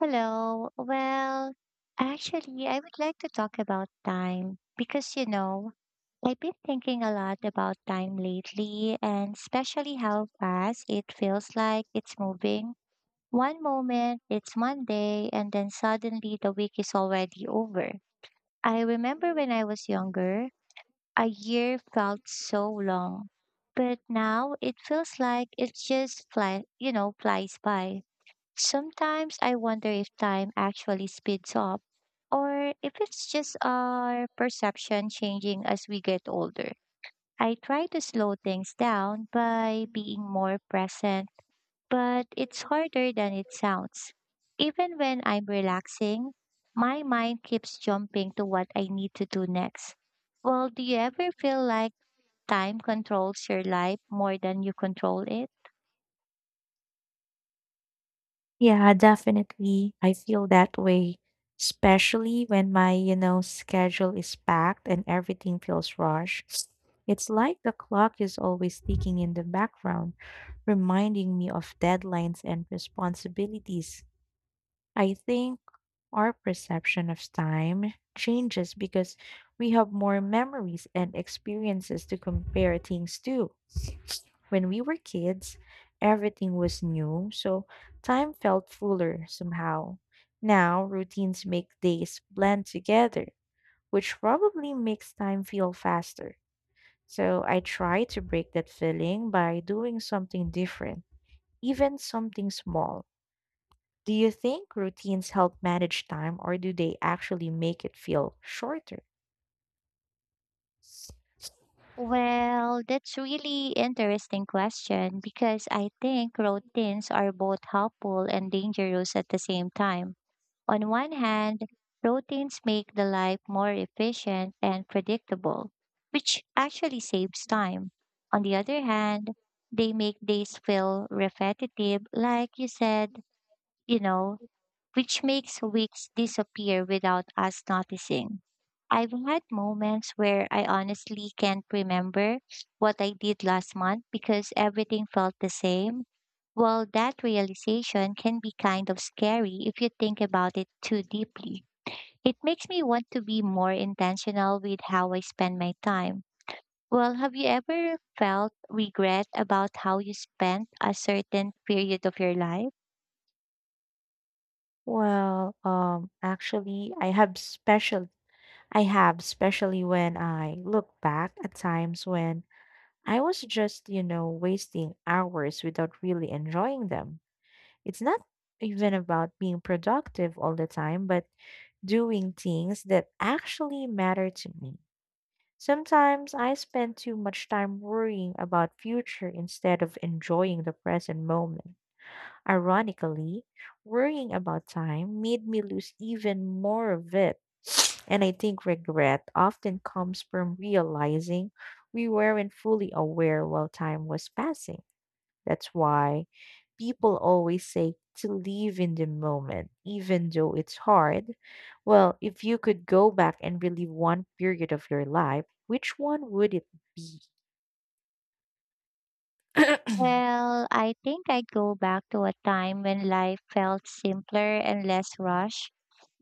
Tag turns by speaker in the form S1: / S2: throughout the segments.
S1: Hello. Well, actually, I would like to talk about time because, I've been thinking a lot about time lately and especially how fast it feels like it's moving. One moment it's Monday and then suddenly the week is already over. I remember when I was younger, a year felt so long, but now it feels like it just flies by. Sometimes I wonder if time actually speeds up or if it's just our perception changing as we get older. I try to slow things down by being more present, but it's harder than it sounds. Even when I'm relaxing, my mind keeps jumping to what I need to do next. Well, do you ever feel like time controls your life more than you control it?
S2: Yeah, definitely. I feel that way, especially when my schedule is packed and everything feels rushed. It's like the clock is always ticking in the background, reminding me of deadlines and responsibilities. I think our perception of time changes because we have more memories and experiences to compare things to. When we were kids, everything was new, so time felt fuller somehow. Now, routines make days blend together, which probably makes time feel faster. So, I try to break that feeling by doing something different, even something small. Do you think routines help manage time or do they actually make it feel shorter?
S1: Well, that's really interesting question because I think routines are both helpful and dangerous at the same time. On one hand, routines make the life more efficient and predictable, which actually saves time. On the other hand, they make days feel repetitive, like you said, you know, which makes weeks disappear without us noticing. I've had moments where I honestly can't remember what I did last month because everything felt the same. Well, that realization can be kind of scary if you think about it too deeply. It makes me want to be more intentional with how I spend my time. Well, have you ever felt regret about how you spent a certain period of your life?
S2: Well, actually, I have special, I have, especially when I look back at times when I was just wasting hours without really enjoying them. It's not even about being productive all the time, but doing things that actually matter to me. Sometimes I spend too much time worrying about future instead of enjoying the present moment. Ironically, worrying about time made me lose even more of it. And I think regret often comes from realizing we weren't fully aware while time was passing. That's why people always say to live in the moment, even though it's hard. Well, if you could go back and relive one period of your life, which one would it?
S1: Well, I think I'd go back to a time when life felt simpler and less rushed.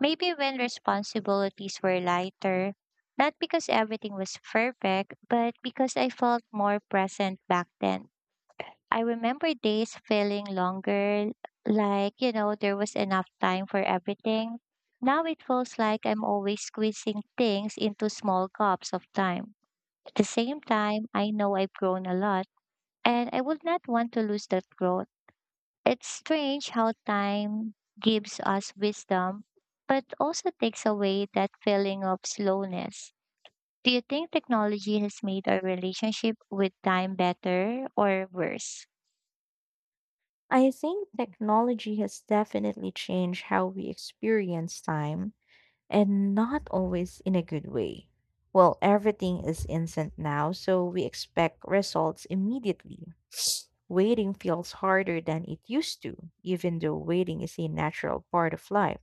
S1: Maybe when responsibilities were lighter. Not because everything was perfect, but because I felt more present back then. I remember days feeling longer, like, there was enough time for everything. Now it feels like I'm always squeezing things into small cups of time. At the same time, I know I've grown a lot, and I would not want to lose that growth. It's strange how time gives us wisdom, but also takes away that feeling of slowness. Do you think technology has made our relationship with time better or worse?
S2: I think technology has definitely changed how we experience time and not always in a good way. Well, everything is instant now, so we expect results immediately. Waiting feels harder than it used to, even though waiting is a natural part of life.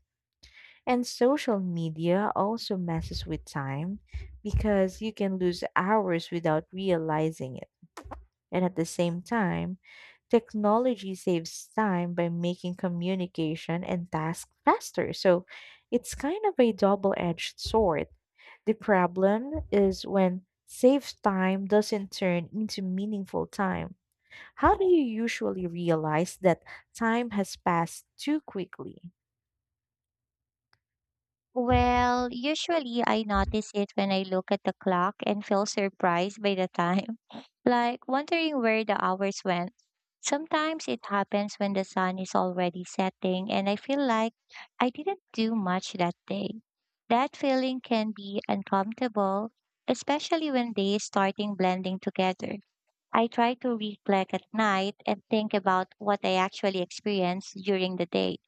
S2: And social media also messes with time because you can lose hours without realizing it. And at the same time, technology saves time by making communication and tasks faster. So it's kind of a double edged sword. The problem is when saved time doesn't turn into meaningful time. How do you usually realize that time has passed too quickly?
S1: Well, usually I notice it when I look at the clock and feel surprised by the time, like wondering where the hours went. Sometimes it happens when the sun is already setting and I feel like I didn't do much that day. That feeling can be uncomfortable, especially when days starting blending together. I try to reflect at night and think about what I actually experienced during the day.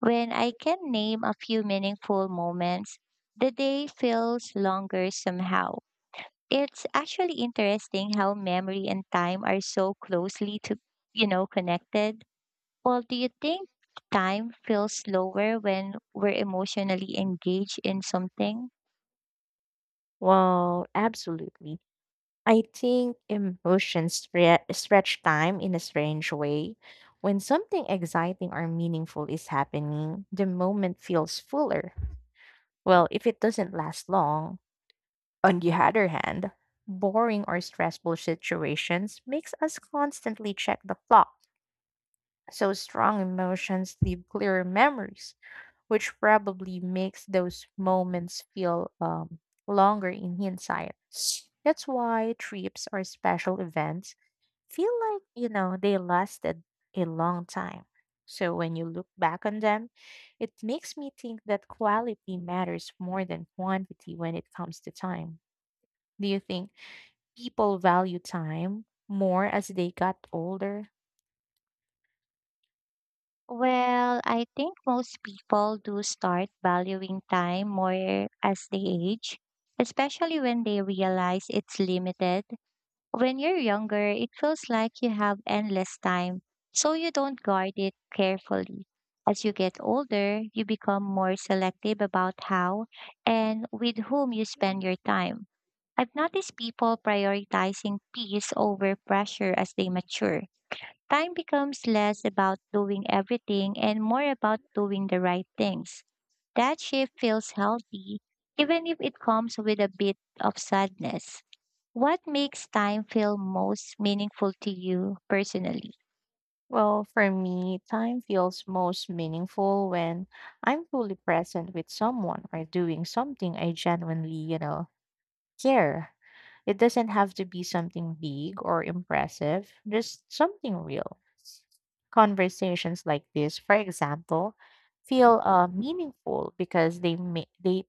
S1: When I can name a few meaningful moments, the day feels longer somehow. It's actually interesting how memory and time are so closely to, you know, connected. Well, do you think time feels slower when we're emotionally engaged in something?
S2: Well, absolutely. I think emotions stretch time in a strange way. When something exciting or meaningful is happening, the moment feels fuller. Well, if it doesn't last long, on the other hand, boring or stressful situations makes us constantly check the clock. So strong emotions leave clearer memories, which probably makes those moments feel longer in hindsight. That's why trips or special events feel like they lasted a long time. So when you look back on them, it makes me think that quality matters more than quantity when it comes to time. Do you think people value time more as they got older?
S1: Well, I think most people do start valuing time more as they age, especially when they realize it's limited. When you're younger, it feels like you have endless time, so you don't guard it carefully. As you get older, you become more selective about how and with whom you spend your time. I've noticed people prioritizing peace over pressure as they mature. Time becomes less about doing everything and more about doing the right things. That shift feels healthy, even if it comes with a bit of sadness. What makes time feel most meaningful to you personally?
S2: Well, for me, time feels most meaningful when I'm fully present with someone or doing something I genuinely care. It doesn't have to be something big or impressive, just something real. Conversations like this, for example, feel meaningful because they make they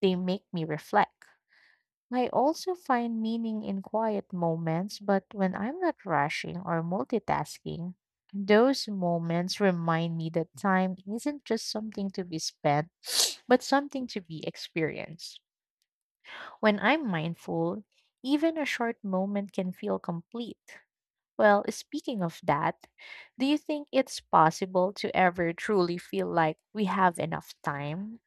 S2: they make me reflect. I also find meaning in quiet moments, but when I'm not rushing or multitasking, those moments remind me that time isn't just something to be spent, but something to be experienced. When I'm mindful, even a short moment can feel complete. Well, speaking of that, do you think it's possible to ever truly feel like we have enough time?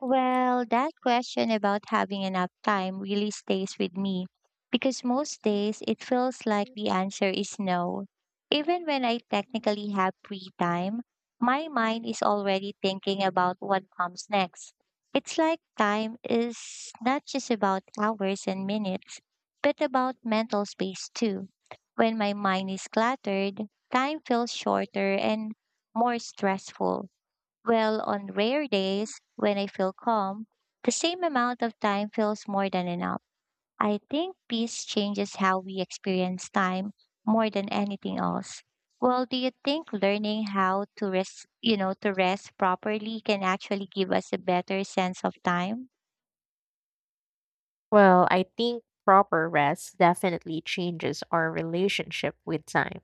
S1: Well, that question about having enough time really stays with me because most days it feels like the answer is no. Even when I technically have free time, my mind is already thinking about what comes next. It's like time is not just about hours and minutes, but about mental space too. When my mind is cluttered, time feels shorter and more stressful. Well, on rare days when I feel calm, the same amount of time feels more than enough. I think peace changes how we experience time more than anything else. Well, do you think learning how to rest, to rest properly can actually give us a better sense of time?
S2: Well, I think proper rest definitely changes our relationship with time.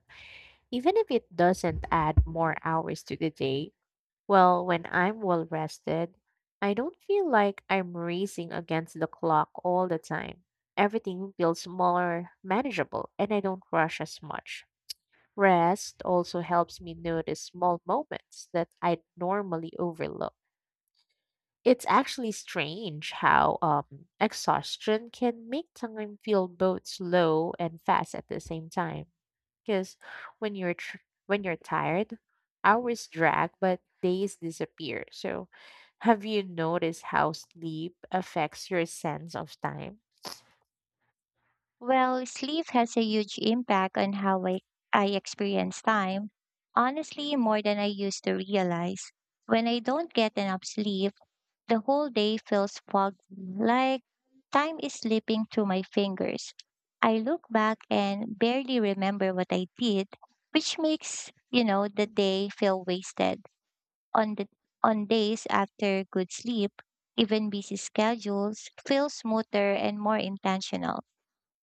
S2: Even if it doesn't add more hours to the day, well, when I'm well rested, I don't feel like I'm racing against the clock all the time. Everything feels more manageable and I don't rush as much. Rest also helps me notice small moments that I normally overlook. It's actually strange how exhaustion can make time feel both slow and fast at the same time. Because when you're tr- when you're tired, hours drag, but days disappear. So, have you noticed how sleep affects your sense of time?
S1: Well, sleep has a huge impact on how I experience time, honestly, more than I used to realize. When I don't get enough sleep, the whole day feels foggy, like time is slipping through my fingers. I look back and barely remember what I did, which makes, the day feel wasted. On the on days after good sleep, even busy schedules feel smoother and more intentional.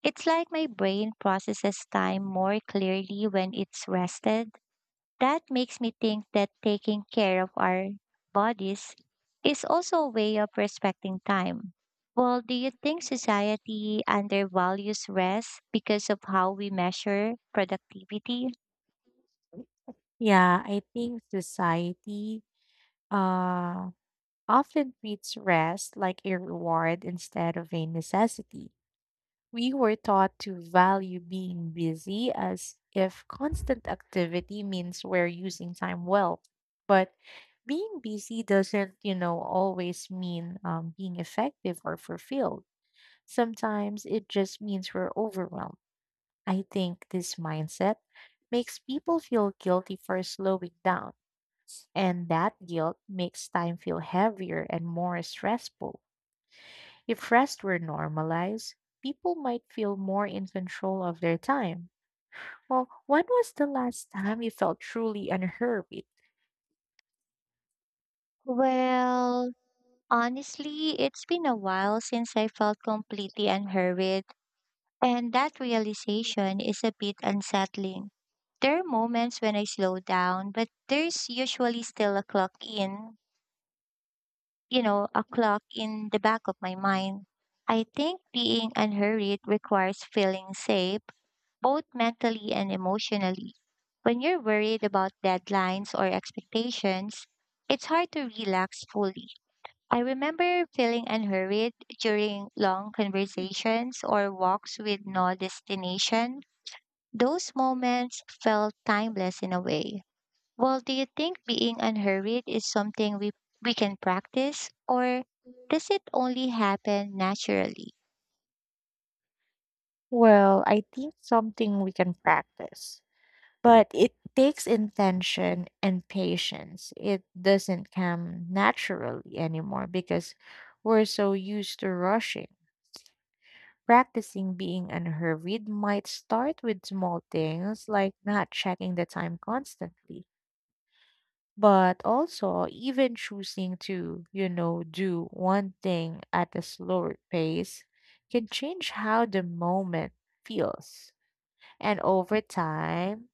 S1: It's like my brain processes time more clearly when it's rested. That makes me think that taking care of our bodies is also a way of respecting time. Well, do you think society undervalues rest because of how we measure productivity?
S2: Yeah, I think society, uh often treats rest like a reward instead of a necessity. We were taught to value being busy as if constant activity means we're using time well. But being busy doesn't always mean being effective or fulfilled. Sometimes it just means we're overwhelmed. I think this mindset makes people feel guilty for slowing down, and that guilt makes time feel heavier and more stressful. If rest were normalized, people might feel more in control of their time. Well, when was the last time you felt truly unhurried?
S1: Well, honestly, it's been a while since I felt completely unhurried, and that realization is a bit unsettling. There are moments when I slow down, but there's usually still a clock in the back of my mind. I think being unhurried requires feeling safe, both mentally and emotionally. When you're worried about deadlines or expectations, it's hard to relax fully. I remember feeling unhurried during long conversations or walks with no destination. Those moments felt timeless in a way. Well, do you think being unhurried is something we can practice, or does it only happen naturally?
S2: Well, I think something we can practice, but it takes intention and patience. It doesn't come naturally anymore because we're so used to rushing. Practicing being unhurried might start with small things like not checking the time constantly. But also, even choosing to do one thing at a slower pace can change how the moment feels. And over time,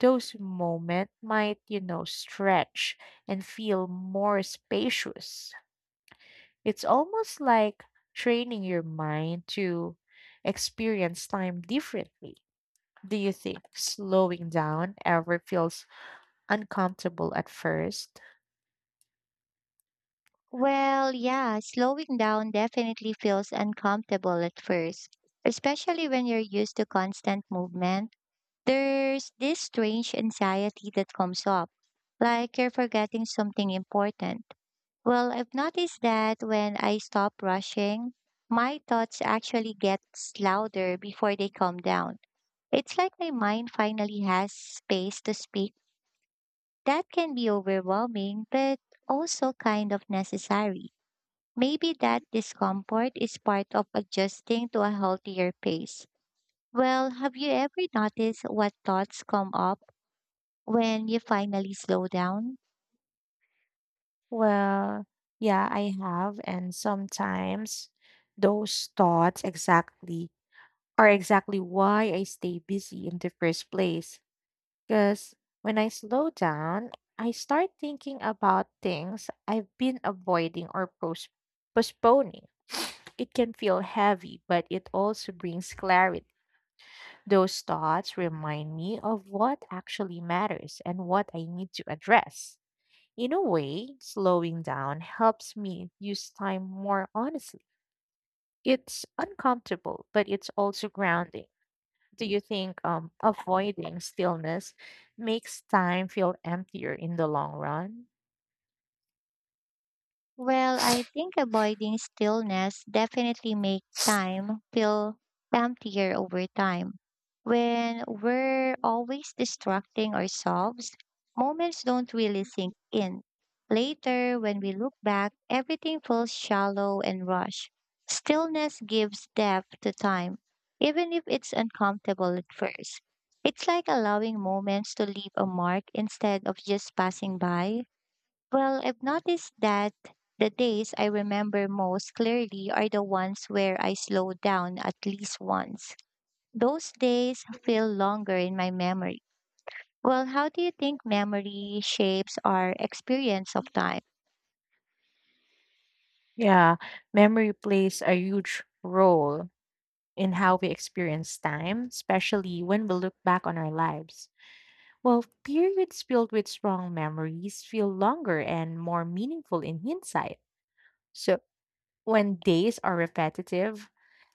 S2: those moments might stretch and feel more spacious. It's almost like training your mind to experience time differently. Do you think slowing down ever feels uncomfortable at first?
S1: Well, yeah, slowing down definitely feels uncomfortable at first, especially when you're used to constant movement. There's this strange anxiety that comes up, like you're forgetting something important. Well, I've noticed that when I stop rushing, my thoughts actually get louder before they calm down. It's like my mind finally has space to speak. That can be overwhelming, but also kind of necessary. Maybe that discomfort is part of adjusting to a healthier pace. Well, have you ever noticed what thoughts come up when you finally slow down?
S2: Well, yeah, I have. And sometimes those thoughts exactly are exactly why I stay busy in the first place. Because when I slow down, I start thinking about things I've been avoiding or postponing. It can feel heavy, but it also brings clarity. Those thoughts remind me of what actually matters and what I need to address. In a way, slowing down helps me use time more honestly. It's uncomfortable, but it's also grounding. Do you think avoiding stillness makes time feel emptier in the long run?
S1: Well, I think avoiding stillness definitely make time feel emptier over time. When we're always distracting ourselves, moments don't really sink in. Later, when we look back, everything feels shallow and rushed. Stillness gives depth to time, even if it's uncomfortable at first. It's like allowing moments to leave a mark instead of just passing by. Well, I've noticed that the days I remember most clearly are the ones where I slow down at least once. Those days feel longer in my memory. Well, how do you think memory shapes our experience of time?
S2: Yeah, memory plays a huge role in how we experience time, especially when we look back on our lives. Well, periods filled with strong memories feel longer and more meaningful in hindsight. So, when days are repetitive,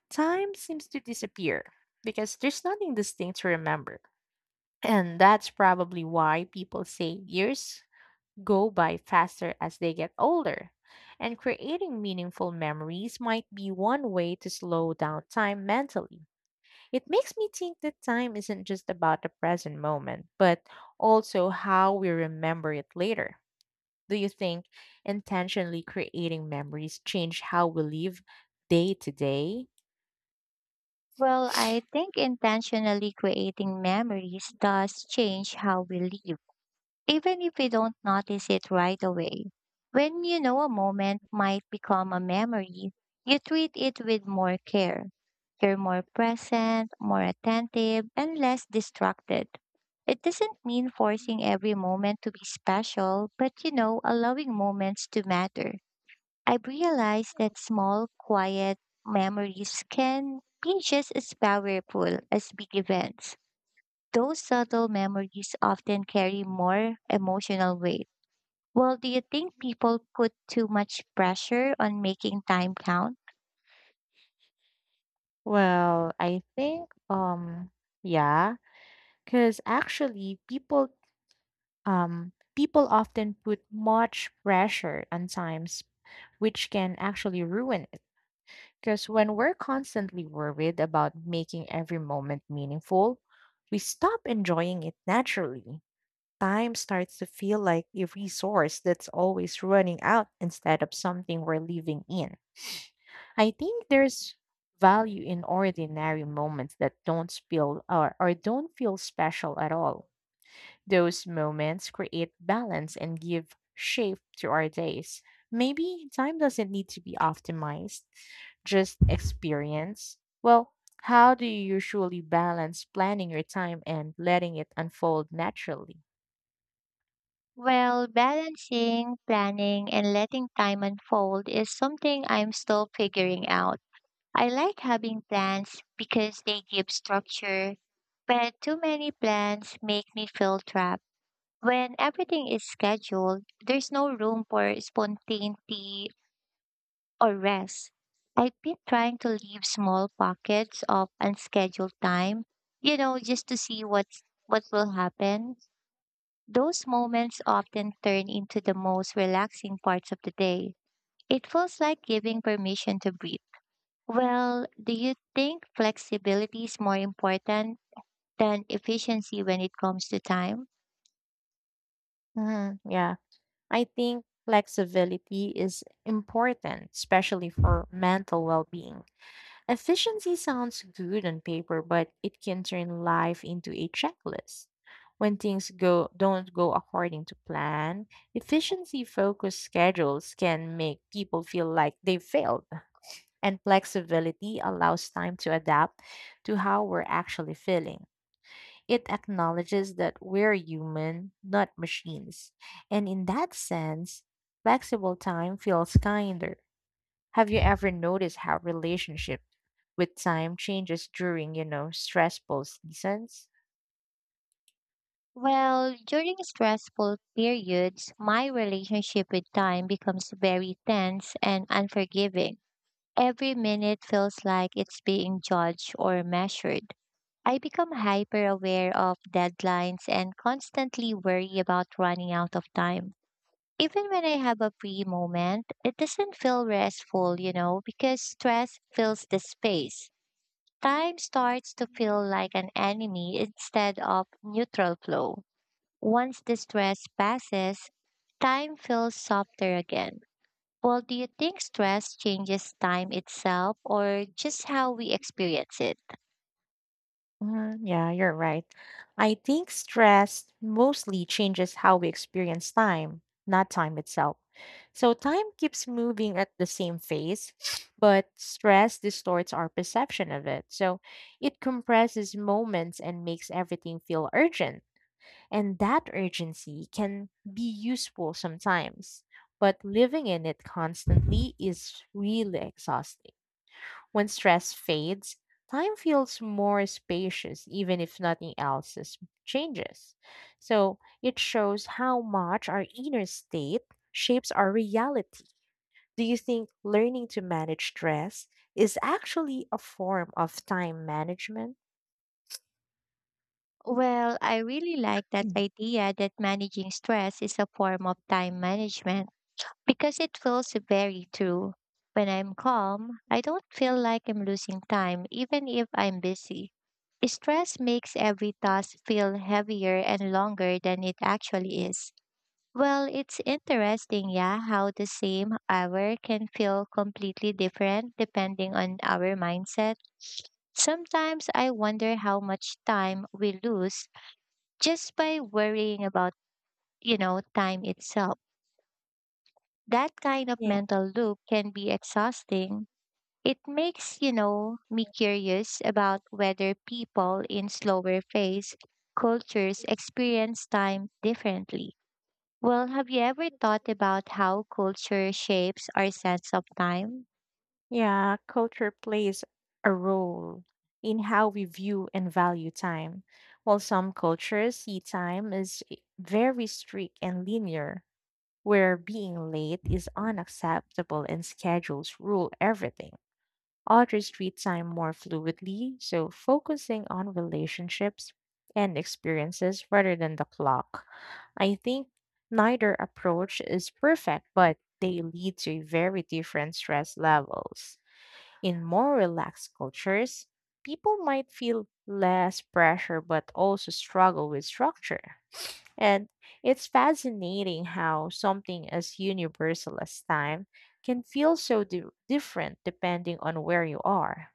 S2: time seems to disappear because there's nothing distinct to remember. And that's probably why people say years go by faster as they get older. And creating meaningful memories might be one way to slow down time mentally. It makes me think that time isn't just about the present moment, but also how we remember it later. Do you think intentionally creating memories change how we live day to day?
S1: Well, I think intentionally creating memories does change how we live, even if we don't notice it right away. When you know a moment might become a memory, you treat it with more care. You're more present, more attentive, and less distracted. It doesn't mean forcing every moment to be special, but allowing moments to matter. I've realized that small, quiet memories can be just as powerful as big events. Those subtle memories often carry more emotional weight. Well, do you think people put too much pressure on making time count?
S2: Well, I think yeah, cuz actually people often put much pressure on times which can actually ruin it. Cuz when we're constantly worried about making every moment meaningful, we stop enjoying it naturally. Time starts to feel like a resource that's always running out instead of something we're living in. I think there's value in ordinary moments that don't feel or don't feel special at all. Those moments create balance and give shape to our days. Maybe time doesn't need to be optimized, just experience. Well, how do you usually balance planning your time and letting it unfold naturally?
S1: Well, balancing, planning, and letting time unfold is something I'm still figuring out. I like having plans because they give structure, but too many plans make me feel trapped. When everything is scheduled, there's no room for spontaneity or rest. I've been trying to leave small pockets of unscheduled time, just to see what will happen. Those moments often turn into the most relaxing parts of the day. It feels like giving permission to breathe. Well, do you think flexibility is more important than efficiency when it comes to time?
S2: Mhm, yeah, I think flexibility is important, especially for mental well being. Efficiency sounds good on paper, but it can turn life into a checklist. When things go don't go according to plan, efficiency focused schedules can make people feel like they failed, and flexibility allows time to adapt to how we're actually feeling. It acknowledges that we're human, not machines. And in that sense, flexible time feels kinder. Have you ever noticed how relationship with time changes during stressful seasons?
S1: Well, during stressful periods, my relationship with time becomes very tense and unforgiving. Every minute feels like it's being judged or measured. I become hyper aware of deadlines and constantly worry about running out of time. Even when I have a free moment, it doesn't feel restful, because stress fills the space. Time starts to feel like an enemy instead of neutral flow. Once the stress passes, time feels softer again. Well, do you think stress changes time itself or just how we experience it?
S2: Mm, yeah, you're right. I think stress mostly changes how we experience time, not time itself. So time keeps moving at the same pace, but stress distorts our perception of it. So it compresses moments and makes everything feel urgent. And that urgency can be useful sometimes, but living in it constantly is really exhausting. When stress fades, time feels more spacious, even if nothing else is changes. So it shows how much our inner state shapes our reality. Do you think learning to manage stress is actually a form of time management?
S1: Well, I really like that
S2: Mm.
S1: idea that managing stress is a form of time management because it feels very true. When I'm calm, I don't feel like I'm losing time, even if I'm busy. Stress makes every task feel heavier and longer than it actually is. Well, it's interesting, yeah, how the same hour can feel completely different depending on our mindset. Sometimes I wonder how much time we lose just by worrying about, time itself. That kind of
S2: Yeah.
S1: mental loop can be exhausting. It makes, me curious about whether people in slower phase cultures experience time differently. Well, have you ever thought about how culture shapes our sense of time?
S2: Yeah, culture plays a role in how we view and value time. While some cultures see time as very strict and linear, where being late is unacceptable and schedules rule everything. Others treat time more fluidly, so focusing on relationships and experiences rather than the clock. I think neither approach is perfect, but they lead to very different stress levels. In more relaxed cultures, people might feel less pressure but also struggle with structure. And it's fascinating how something as universal as time can feel so different depending on where you are.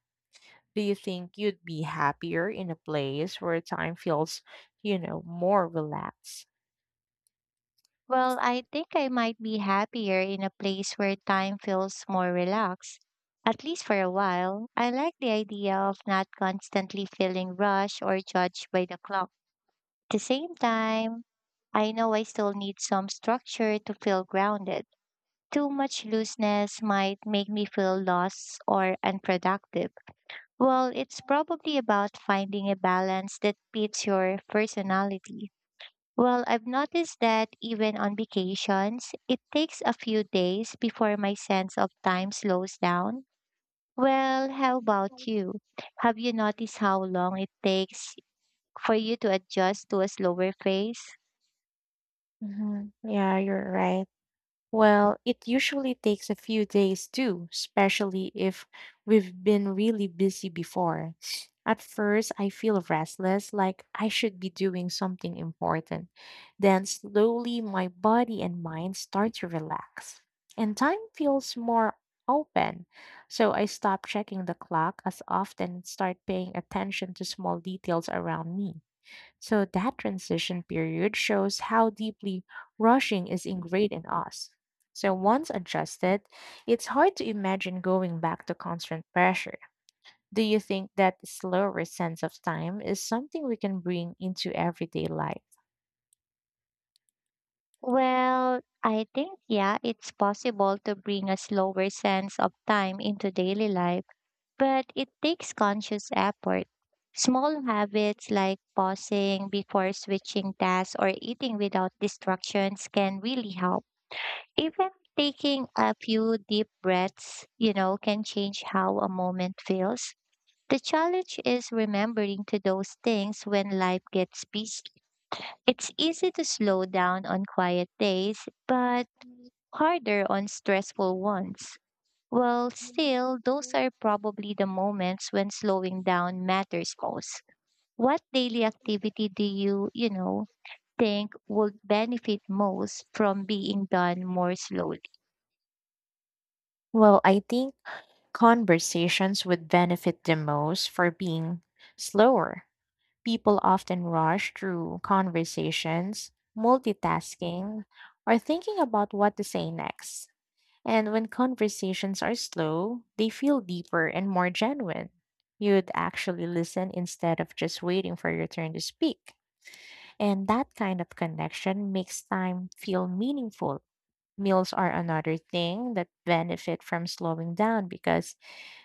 S2: Do you think you'd be happier in a place where time feels, you know, more relaxed?
S1: Well, I think I might be happier in a place where time feels more relaxed. At least for a while, I like the idea of not constantly feeling rushed or judged by the clock. At the same time, I know I still need some structure to feel grounded. Too much looseness might make me feel lost or unproductive. Well, it's probably about finding a balance that fits your personality. Well, I've noticed that even on vacations, it takes a few days before my sense of time slows down. Well, how about you? Have you noticed how long it takes for you to adjust to a slower phase?
S2: Hmm, yeah, you're right. Well, it usually takes a few days too, especially if we've been really busy before. At first, I feel restless, like I should be doing something important. Then, slowly, my body and mind start to relax, and time feels more open. So, I stop checking the clock as often and start paying attention to small details around me. So that transition period shows how deeply rushing is ingrained in us. So once adjusted, it's hard to imagine going back to constant pressure. Do you think that slower sense of time is something we can bring into everyday life?
S1: Well, I think, yeah, it's possible to bring a slower sense of time into daily life, but it takes conscious effort. Small habits like pausing before switching tasks or eating without distractions can really help. Even taking a few deep breaths, can change how a moment feels. The challenge is remembering to those things when life gets busy. It's easy to slow down on quiet days, but harder on stressful ones. Well, still, those are probably the moments when slowing down matters most. What daily activity do you think would benefit most from being done more slowly?
S2: Well, I think conversations would benefit the most for being slower. People often rush through conversations, multitasking, or thinking about what to say next. And when conversations are slow, they feel deeper and more genuine. You'd actually listen instead of just waiting for your turn to speak. And that kind of connection makes time feel meaningful. Meals are another thing that benefit from slowing down because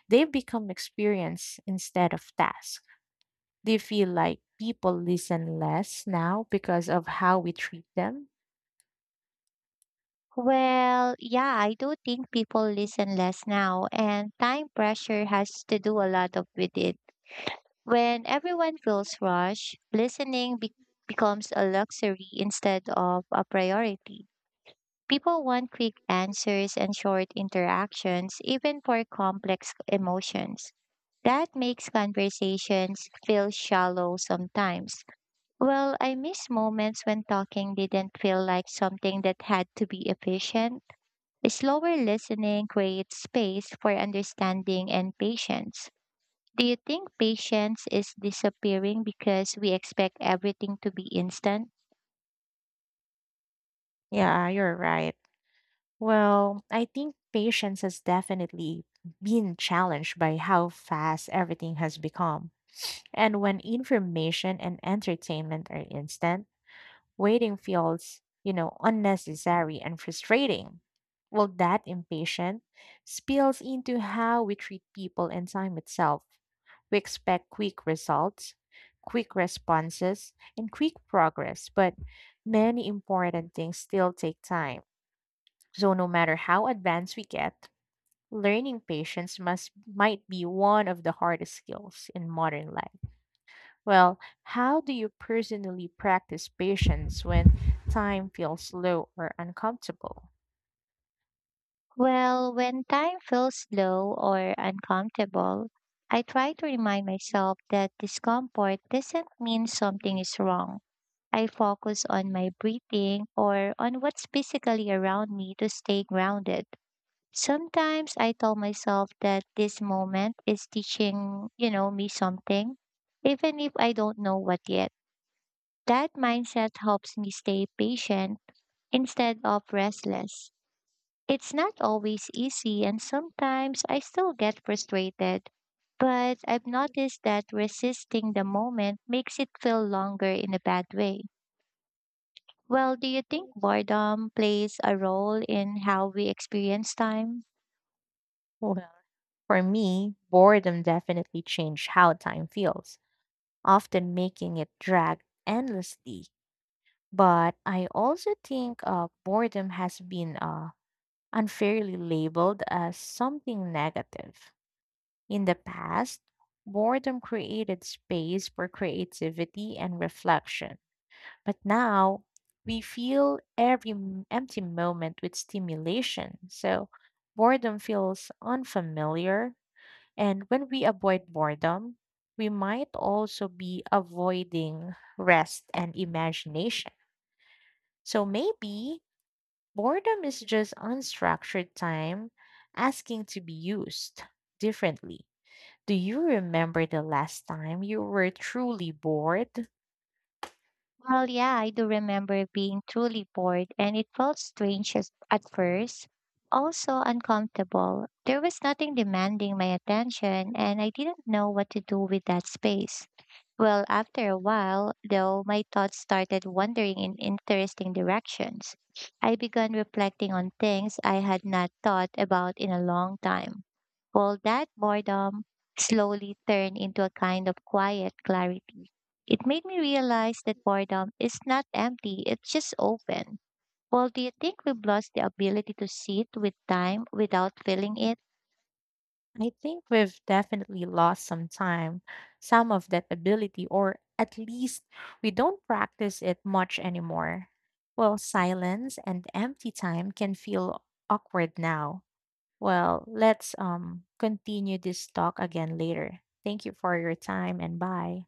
S2: they become experience instead of task. Do you feel like people listen less now because of how we treat them?
S1: Well, yeah, I do think people listen less now, and time pressure has to do a lot of with it. When everyone feels rushed, listening becomes a luxury instead of a priority. People want quick answers and short interactions, even for complex emotions. That makes conversations feel shallow sometimes. Well, I miss moments when talking didn't feel like something that had to be efficient. Slower listening creates space for understanding and patience. Do you think patience is disappearing because we expect everything to be instant?
S2: Yeah, you're right. Well, I think patience has definitely been challenged by how fast everything has become. And when information and entertainment are instant, waiting feels unnecessary and frustrating. Well, that impatience spills into how we treat people and time itself. We expect quick results, quick responses, and quick progress, but many important things still take time so no matter how advanced we get, learning patience must might be one of the hardest skills in modern life. Well, how do you personally practice patience when time feels slow or uncomfortable?
S1: Well, when time feels slow or uncomfortable, I try to remind myself that discomfort doesn't mean something is wrong. I focus on my breathing or on what's physically around me to stay grounded. Sometimes I tell myself that this moment is teaching, me something, even if I don't know what yet. That mindset helps me stay patient instead of restless. It's not always easy, and sometimes I still get frustrated. But I've noticed that resisting the moment makes it feel longer in a bad way. Well, do you think boredom plays a role in how we experience time?
S2: Well, for me, boredom definitely changed how time feels, often making it drag endlessly. But I also think boredom has been unfairly labeled as something negative. In the past, boredom created space for creativity and reflection. But now, we fill every empty moment with stimulation. So, boredom feels unfamiliar. And when we avoid boredom, we might also be avoiding rest and imagination. So, maybe boredom is just unstructured time asking to be used differently. Do you remember the last time you were truly bored?
S1: Well, yeah, I do remember being truly bored, and it felt strange as, at first, also uncomfortable. There was nothing demanding my attention, and I didn't know what to do with that space. Well, after a while, though, my thoughts started wandering in interesting directions. I began reflecting on things I had not thought about in a long time. Well, that boredom slowly turned into a kind of quiet clarity. It made me realize that boredom is not empty, it's just open. Well, do you think we've lost the ability to sit with time without feeling it?
S2: I think we've definitely some of that ability, or at least we don't practice it much anymore. Well, silence and empty time can feel awkward now. Well, let's continue this talk again later. Thank you for your time and bye.